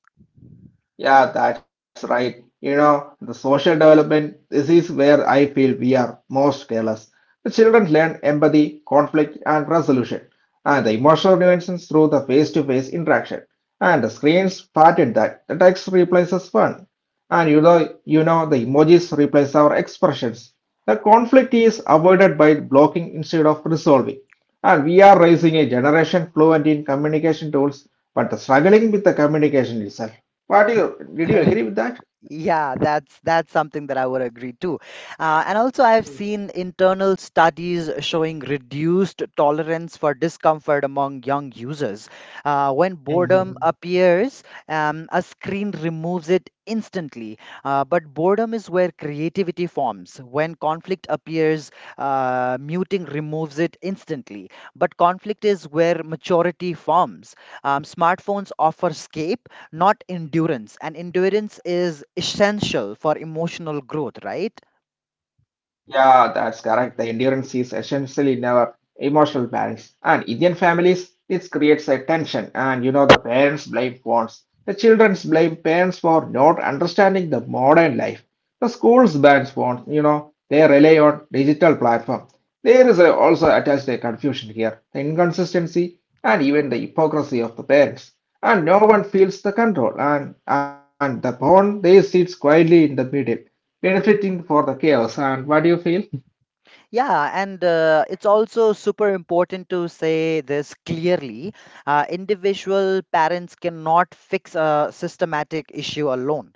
S1: Yeah, that's right. You know, the social development, this is where I feel we are most careless. The children learn empathy, conflict, and resolution, and the emotional nuances through the face-to-face interaction. And the screens pattern that. The text replaces fun. And you know, you know, the emojis replace our expressions. The conflict is avoided by blocking instead of resolving. And we are raising a generation fluent in communication tools, but struggling with the communication itself. What do you did you
S2: <laughs>
S1: agree with that?
S2: Yeah, that's that's something that I would agree to. Uh, and also, I've seen internal studies showing reduced tolerance for discomfort among young users. Uh, when boredom
S1: <laughs>
S2: appears, um, a screen removes it instantly. Uh, but boredom is where creativity forms. When conflict appears, uh, muting removes it instantly. But conflict is where maturity forms. Um, smartphones offer escape, not endurance. And endurance is essential for emotional growth, right?
S1: Yeah, that's correct. The endurance is essential in our emotional parents. And Indian families, it creates a tension. And you know, the parents blame phones. The children blame parents for not understanding the modern life. The schools ban phones, you know, they rely on digital platform. There is a, also attached a confusion here, the inconsistency and even the hypocrisy of the parents. And no one feels the control and, and the bond they sits quietly in the middle, benefiting for the chaos. And what do you feel?
S2: Yeah, and uh, It's also super important to say this clearly. Uh, individual parents cannot fix a systematic issue alone.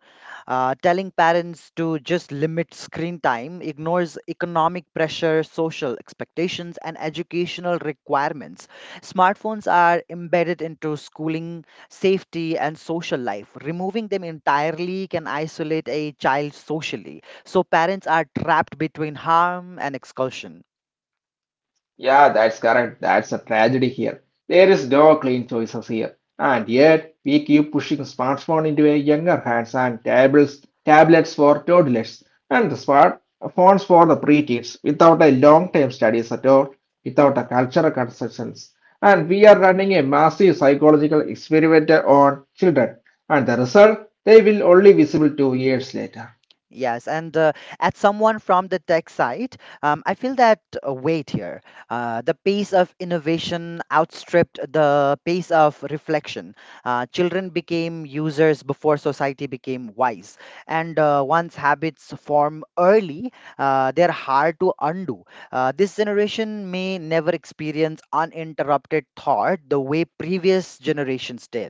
S2: Uh, telling parents to just limit screen time ignores economic pressure, social expectations, and educational requirements. Smartphones are embedded into schooling, safety, and social life. Removing them entirely can isolate a child socially, so parents are trapped between harm and expulsion.
S1: Yeah, that's correct. That's a tragedy here. There is no clean choices here. And yet, we keep pushing smartphone into a younger hands and tablets, tablets for toddlers and the smartphones for the preteens without a long-term studies at all, without a cultural conceptions. And we are running a massive psychological experiment on children. And the result, they will only visible two years later.
S2: Yes, and uh, as someone from the tech side, um, I feel that uh, wait here, uh, the pace of innovation outstripped the pace of reflection. Uh, children became users before society became wise, and uh, once habits form early, uh, they're hard to undo. Uh, this generation may never experience uninterrupted thought the way previous generations did.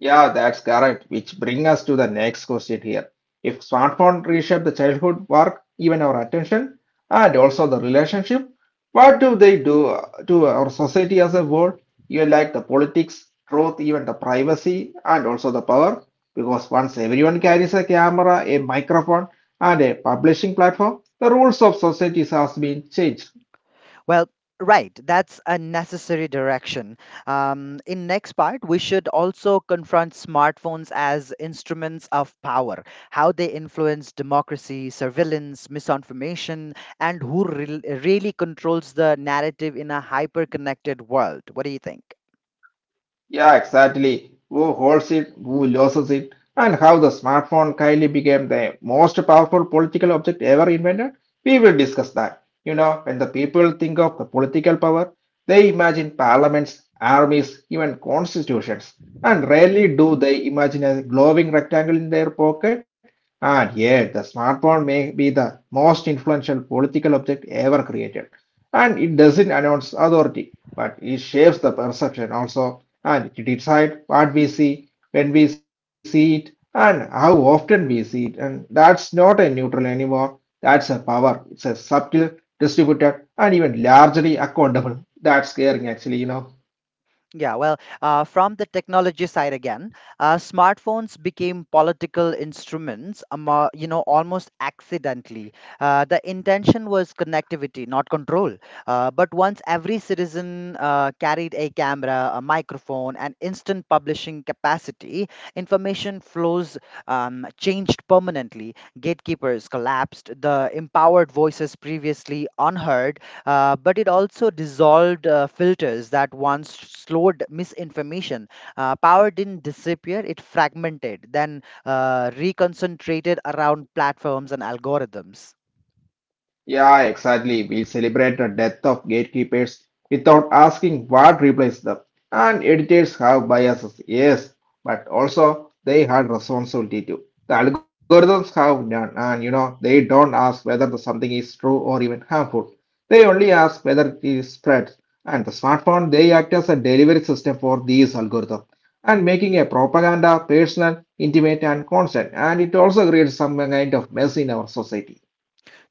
S1: Yeah, that's correct. Which bring us to the next question here. If smartphone reshape the childhood work, even our attention, and also the relationship, what do they do uh, to our society as a whole? You like the politics, truth, even the privacy, and also the power. Because once everyone carries a camera, a microphone, and a publishing platform, the rules of societies has been changed.
S2: Well, right, that's a necessary direction. Um, in next part, we should also confront smartphones as instruments of power, how they influence democracy, surveillance, misinformation, and who re- really controls the narrative in a hyper-connected world. What do you think?
S1: Yeah, exactly. Who holds it, who loses it, and how the smartphone kindly became the most powerful political object ever invented, we will discuss that. You know, when the people think of the political power, they imagine parliaments, armies, even constitutions, and rarely do they imagine a glowing rectangle in their pocket. And yet, the smartphone may be the most influential political object ever created and it doesn't announce authority, but it shapes the perception also, and it decides what we see, when we see it, and how often we see it. And that's not a neutral anymore. That's a power. It's a subtle, distributed, and even largely accountable. That's scaring, actually, you know.
S2: Yeah, well, uh, from the technology side again, uh, smartphones became political instruments, amo- you know, almost accidentally. Uh, the intention was connectivity, not control. Uh, but once every citizen uh, carried a camera, a microphone, and instant publishing capacity, information flows um, changed permanently. Gatekeepers collapsed, the empowered voices previously unheard, uh, but it also dissolved uh, filters that once slowed misinformation. Uh, power didn't disappear, it fragmented, then uh, reconcentrated around platforms and algorithms.
S1: Yeah, exactly. We celebrate the death of gatekeepers without asking what replaced them. And editors have biases, yes, but also they had responsibility too. The algorithms have none, and you know, they don't ask whether the something is true or even harmful. They only ask whether it is spread. And the smartphone, they act as a delivery system for these algorithms and making a propaganda personal, intimate, and constant. And it also creates some kind of mess in our society.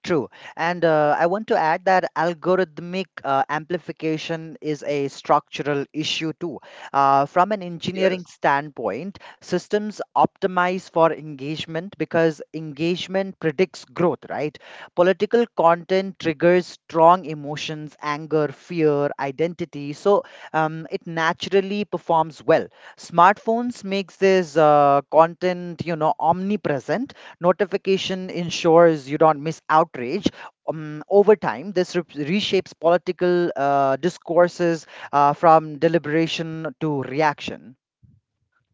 S2: True. And uh, I want to add that algorithmic uh, amplification is a structural issue too. Uh, from an engineering standpoint, systems optimize for engagement because engagement predicts growth, right? Political content triggers strong emotions, anger, fear, identity. So um, it naturally performs well. Smartphones makes this uh, content, you know, omnipresent. Notification ensures you don't miss outrage. Um, over time, this re- reshapes political uh, discourses, uh, from deliberation to reaction.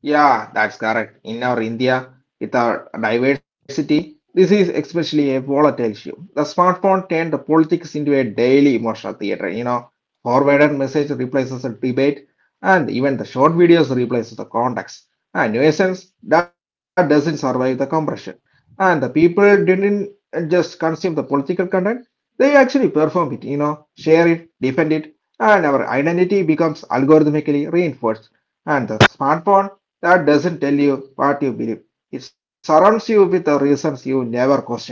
S1: Yeah, that's correct. In our India, with our diversity, this is especially a volatile issue. The smartphone turned the politics into a daily emotional theater. You know, forwarded message replaces a debate, and even the short videos replaces the context. And in essence, that doesn't survive the compression. And the people didn't just consume the political content; they actually perform it. You know, share it, defend it, and our identity becomes algorithmically reinforced. And the smartphone that doesn't tell you what you believe. It surrounds you with the reasons you never question it.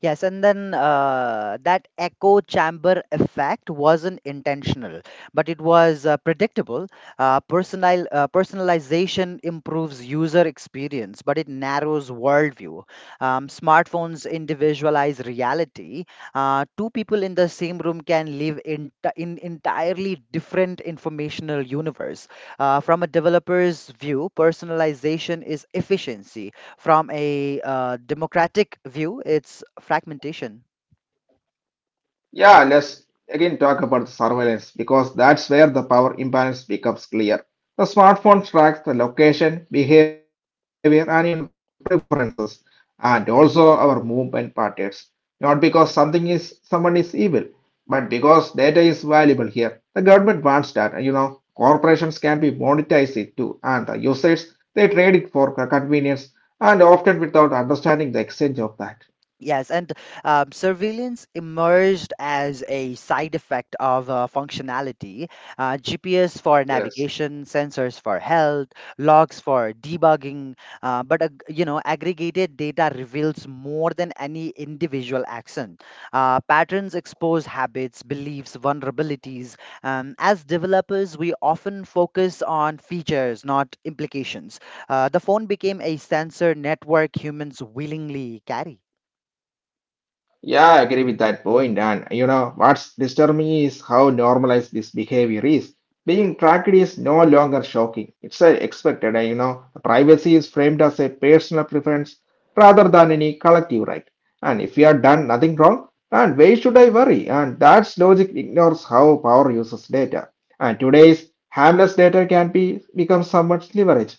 S2: Yes, and then uh, that echo chamber effect wasn't intentional, but it was uh, predictable. Uh, personal uh, personalization improves user experience, but it narrows worldview. Um, smartphones individualize reality. Uh, two people in the same room can live in, in entirely different informational universe. Uh, from a developer's view, personalization is efficiency; from a uh, democratic view, it's fragmentation.
S1: Yeah, let's again talk about the surveillance because that's where the power imbalance becomes clear. The smartphone tracks the location, behavior, and even preferences, and also our movement patterns. Not because something is someone is evil, but because data is valuable here. The government wants that, and you know, corporations can be monetize it too, and the users they trade it for convenience and often without understanding the exchange of that.
S2: Yes, and um, surveillance emerged as a side effect of uh, functionality. Uh, G P S for
S1: Yes.
S2: navigation, sensors for health, logs for debugging, uh, but ag- you know, aggregated data reveals more than any individual action. Uh, patterns expose habits, beliefs, vulnerabilities. Um, as developers, we often focus on features, not implications. Uh, the phone became a sensor network humans willingly carry.
S1: Yeah, I agree with that point. And you know, what's disturbing is how normalized this behavior is. Being tracked is no longer shocking. It's uh, expected. And you know, privacy is framed as a personal preference rather than any collective right. And if you have done nothing wrong, and why should I worry? And that's logic ignores how power uses data. And today's harmless data can be become somewhat leverage.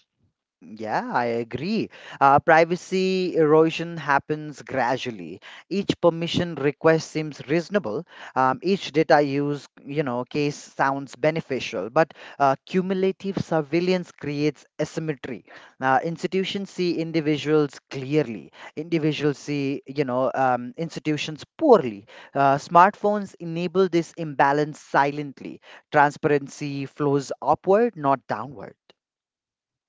S2: Yeah, I agree. Uh, privacy erosion happens gradually. Each permission request seems reasonable. Um, each data use, you know, case sounds beneficial, but uh, cumulative surveillance creates asymmetry. Uh, institutions see individuals clearly. Individuals see, you know, um, institutions poorly. Uh, smartphones enable this imbalance silently. Transparency flows upward, not downward.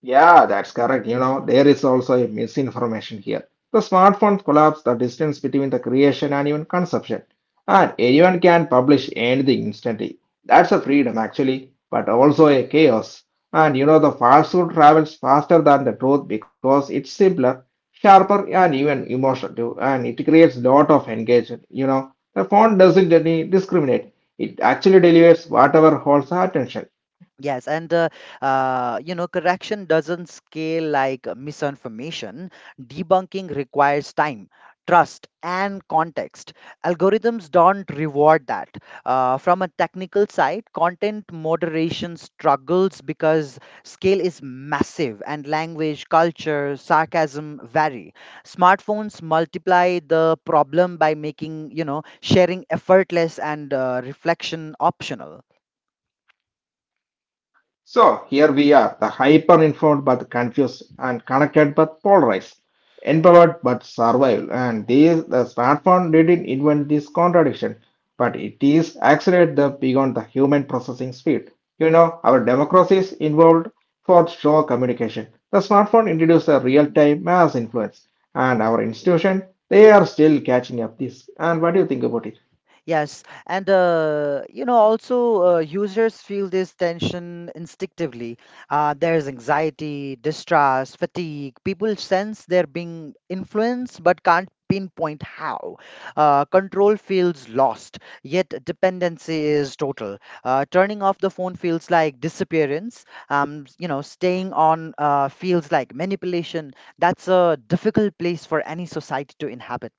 S1: Yeah, that's correct. You know, there is also a misinformation here. The smartphone collapse the distance between the creation and even consumption. And anyone can publish anything instantly. That's a freedom actually, but also a chaos. And you know, the falsehood travels faster than the truth because it's simpler, sharper, and even emotional too. And it creates lot of engagement. You know, the phone doesn't really discriminate. It actually delivers whatever holds our attention.
S2: Yes, and uh, uh, you know, correction doesn't scale like misinformation. Debunking requires time, trust, and context. Algorithms don't reward that. Uh, from a technical side, content moderation struggles because scale is massive and language, culture, sarcasm vary. Smartphones multiply the problem by making, you know, sharing effortless and uh, reflection optional.
S1: So here we are, the hyper informed but confused and connected but polarized, empowered but survival. And these the smartphone didn't invent this contradiction, but it is accelerate them beyond the human processing speed. You know, our democracies involved for show communication. The smartphone introduced a real-time mass influence, and our institution they are still catching up this. And what do you think about it?
S2: Yes, and uh, you know, also uh, users feel this tension instinctively. Uh, there's anxiety, distrust, fatigue. People sense they're being influenced but can't pinpoint how. Uh, control feels lost, yet dependency is total. Uh, turning off the phone feels like disappearance. Um, s- you know, staying on uh, feels like manipulation. That's a difficult place for any society to inhabit.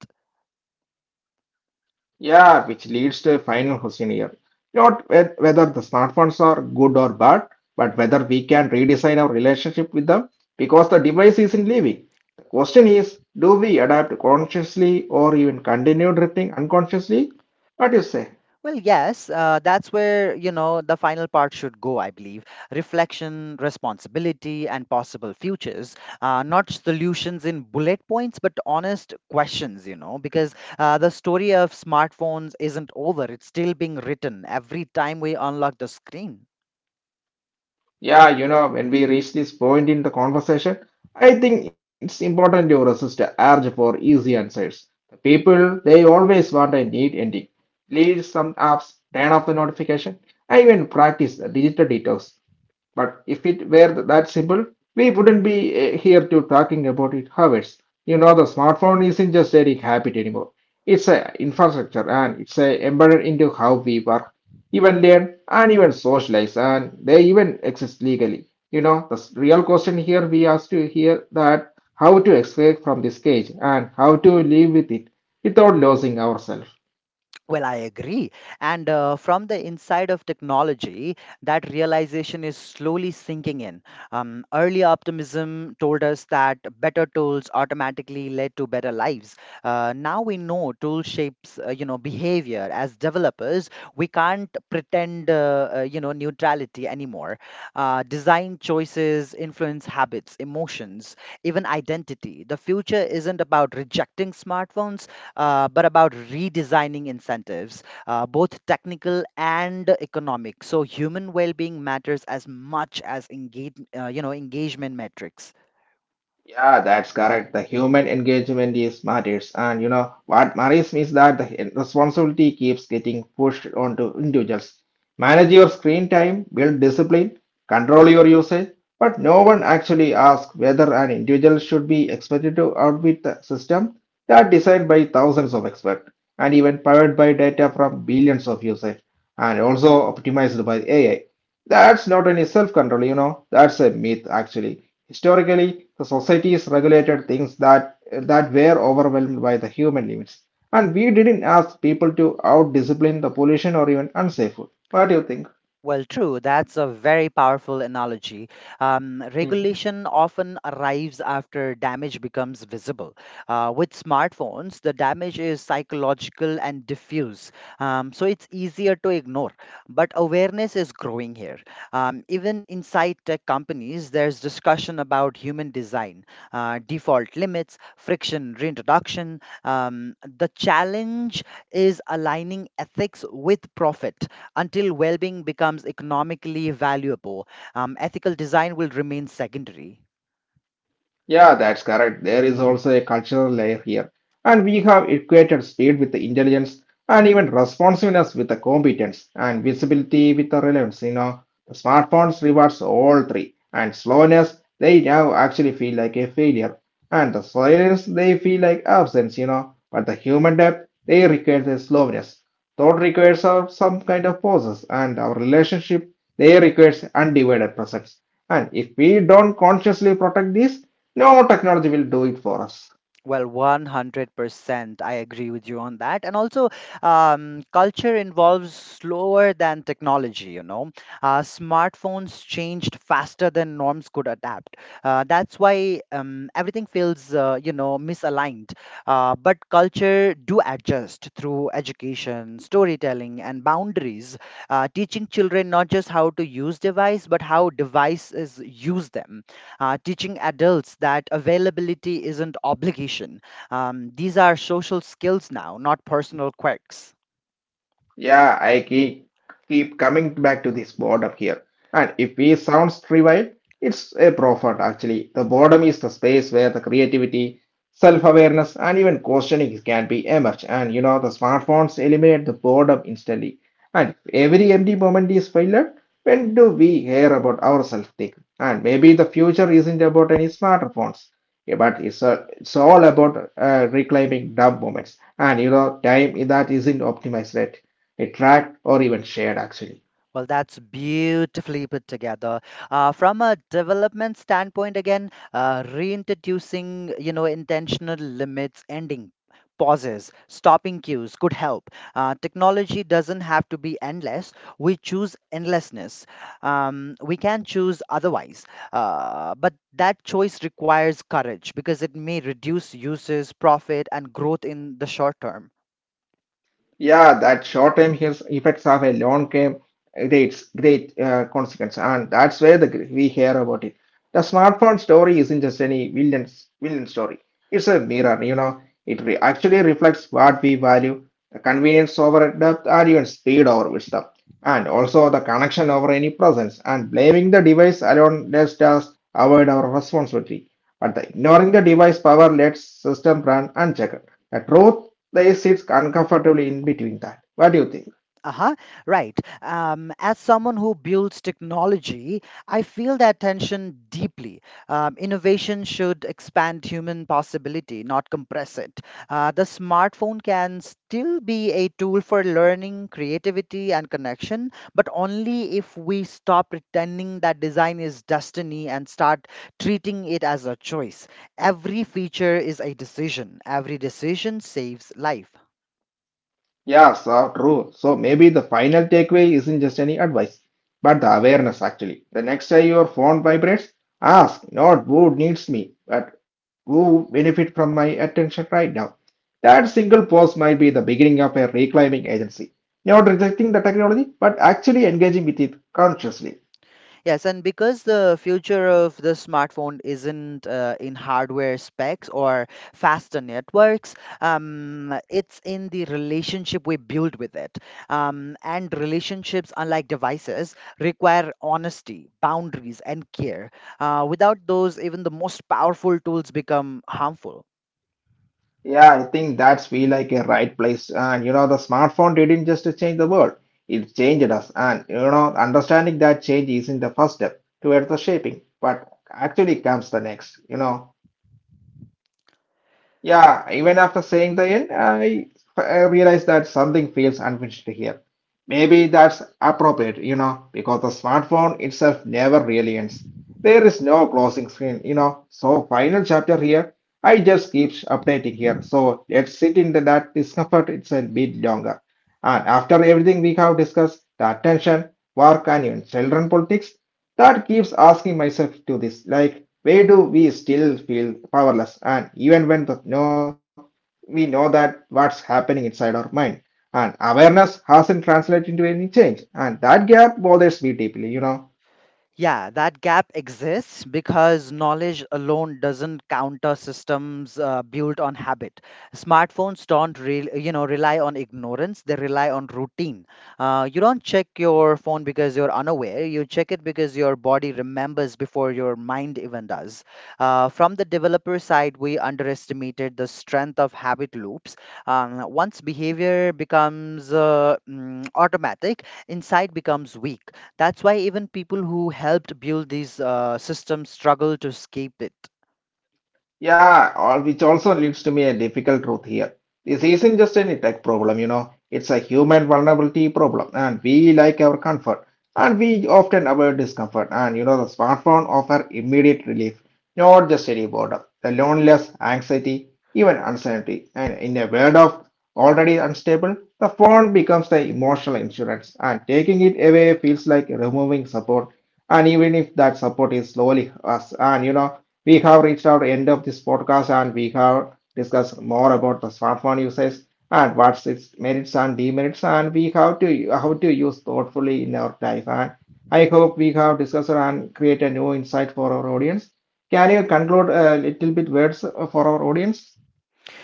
S1: Yeah, which leads to a final question here. Not whe- whether the smartphones are good or bad, but whether we can redesign our relationship with them because the device isn't leaving. The question is, do we adapt consciously or even continue drifting unconsciously? What do you say?
S2: Well, yes, uh, that's where, you know, the final part should go, I believe. Reflection, responsibility, and possible futures. Uh, not solutions in bullet points, but honest questions, you know, because uh, the story of smartphones isn't over. It's still being written every time we unlock the screen.
S1: Yeah, you know, when we reach this point in the conversation, I think it's important to resist the urge for easy answers. The people, they always want a neat ending. Leave some apps, turn off the notification. I even practice the digital detox. But if it were th- that simple, we wouldn't be eh, here to talking about it hours. You know, the smartphone isn't just a habit anymore. It's a infrastructure and it's a embedded into how we work, even learn, and even socialize, and they even exist legally. You know, the s- real question here we ask to hear that how to escape from this cage and how to live with it without losing ourselves.
S2: Well, I agree. And uh, from the inside of technology, that realization is slowly sinking in. Um, early optimism told us that better tools automatically led to better lives. Uh, now we know tool shapes, uh, you know, behavior. As developers, we can't pretend, uh, uh, you know, neutrality anymore. Uh, design choices influence habits, emotions, even identity. The future isn't about rejecting smartphones; uh, but about redesigning incentives, uh, both technical and economic. So human well-being matters as much as engage, uh, you know, engagement metrics.
S1: Yeah, that's correct. The human engagement is matters, and you know what matters means that the responsibility keeps getting pushed onto individuals. Manage your screen time, build discipline, control your usage, but no one actually asks whether an individual should be expected to outwit the system that designed by thousands of experts and even powered by data from billions of users and also optimized by A I. That's not any self-control, you know, that's a myth actually. Historically, the societies regulated things that that were overwhelmed by the human limits. And we didn't ask people to out-discipline the pollution or even unsafe food. What do you think?
S2: Well, true. That's a very powerful analogy. Um, regulation often arrives after damage becomes visible. Uh, with smartphones, the damage is psychological and diffuse, um, so it's easier to ignore. But awareness is growing here. Um, even inside tech companies, there's discussion about human design, uh, default limits, friction reintroduction. Um, the challenge is aligning ethics with profit. Until well being becomes economically valuable, um, ethical design will remain secondary.
S1: Yeah, that's correct. There is also a cultural layer here. And we have equated speed with the intelligence and even responsiveness with the competence and visibility with the relevance. You know, the smartphones rewards all three. And slowness, they now actually feel like a failure. And the silence, they feel like absence, you know. But the human depth, they require the slowness. Thought requires some kind of pauses, and our relationship there requires undivided presence. And if we don't consciously protect this, no technology will do it for us.
S2: Well, one hundred percent. I agree with you on that. And also, um, culture involves slower than technology, you know. Uh, smartphones changed faster than norms could adapt. Uh, that's why um, everything feels, uh, you know, misaligned. Uh, but culture do adjust through education, storytelling, and boundaries, uh, teaching children not just how to use device, but how devices use them, uh, teaching adults that availability isn't obligation. Um, these are social skills now, not personal quirks.
S1: Yeah, I keep, keep coming back to this boredom here. And if we sounds trivial, it's a profit actually. The boredom is the space where the creativity, self-awareness, and even questioning can be emerged. And you know, the smartphones eliminate the boredom instantly. And if every empty moment is failure, when do we hear about ourselves think? And maybe the future isn't about any smartphones, yeah, but it's, uh, it's all about uh, reclaiming dumb moments. And you know, time that isn't optimized yet it tracked or even shared actually.
S2: Well, that's beautifully put together. Uh, from a development standpoint, again, uh, reintroducing, you know, intentional limits, ending pauses, stopping cues could help. Uh, technology doesn't have to be endless. We choose endlessness. Um, we can choose otherwise. Uh, but that choice requires courage because it may reduce uses, profit, and growth in the short term.
S1: Yeah, that short-term heals effects of a long-term great great uh, consequence, and that's where the gr- we hear about it. The smartphone story isn't just any villain villain story; it's a mirror. You know, it re- actually reflects what we value: the convenience over depth, and even speed over wisdom, and also the connection over any presence. And blaming the device alone lets us avoid our responsibility, but the ignoring the device power lets system run unchecked. The truth they sits uncomfortably in between that. What do you think?
S2: Uh-huh, right. Um, as someone who builds technology, I feel that tension deeply. Um, innovation should expand human possibility, not compress it. Uh, the smartphone can still be a tool for learning, creativity, and connection, but only if we stop pretending that design is destiny and start treating it as a choice. Every feature is a decision, every decision saves life.
S1: Yeah, so true. So maybe the final takeaway isn't just any advice, but the awareness actually. The next time your phone vibrates, ask not who needs me, but who benefit from my attention right now. That single pause might be the beginning of a reclaiming agency. Not rejecting the technology, but actually engaging with it consciously.
S2: Yes, and because the future of the smartphone isn't uh, in hardware specs or faster networks, um, it's in the relationship we build with it. Um, and relationships, unlike devices, require honesty, boundaries, and care. Uh, without those, even the most powerful tools become harmful.
S1: Yeah, I think that's feel like a right place. And you know, the smartphone didn't just change the world; it changed us. And you know, understanding that change isn't the first step towards the shaping, but actually comes the next. You know. Yeah, even after saying the end, I, I realized that something feels unfinished here. Maybe that's appropriate, you know, because the smartphone itself never really ends. There is no closing screen, you know. So final chapter here, I just keeps updating here. So let's sit in that discomfort it's a bit longer. And after everything we have discussed, the attention, work and even children politics, that keeps asking myself to this, like, why do we still feel powerless? And even when the no, we know that what's happening inside our mind, and awareness hasn't translated into any change, and that gap bothers me deeply, you know.
S2: Yeah, that gap exists because knowledge alone doesn't counter systems uh, built on habit. Smartphones don't, re- you know, rely on ignorance; they rely on routine. Uh, you don't check your phone because you're unaware. You check it because your body remembers before your mind even does. Uh, from the developer side, we underestimated the strength of habit loops. Um, once behavior becomes uh, mm, automatic, insight becomes weak. That's why even people who helped build these uh, systems struggle to escape it.
S1: Yeah, al- which also leads to me a difficult truth here. This isn't just an tech problem, you know, it's a human vulnerability problem, and we like our comfort, and we often avoid discomfort. And you know, the smartphone offer immediate relief, not just any boredom, the loneliness, anxiety, even uncertainty. And in a world of already unstable, the phone becomes the emotional insurance, and taking it away feels like removing support. And even if that support is slowly us, and you know. We have reached our end of this podcast and we have discussed more about the smartphone usage and what's its merits and demerits and we have to how to use thoughtfully in our life. And I hope we have discussed and create a new insight for our audience. Can you conclude a little bit words for our audience?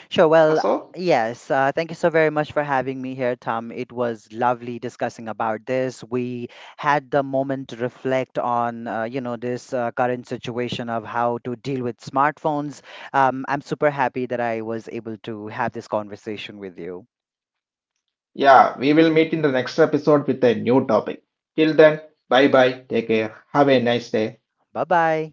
S2: Sure, well,
S1: So,
S2: yes, uh, thank you so very much for having me here, Tom. It was lovely discussing about this. We had the moment to reflect on, uh, you know, this uh, current situation of how to deal with smartphones. Um, I'm super happy that I was able to have this conversation with you.
S1: yeah, we will meet in the next episode with a new topic. Till then, bye bye. Take care. Have a nice day.
S2: Bye bye.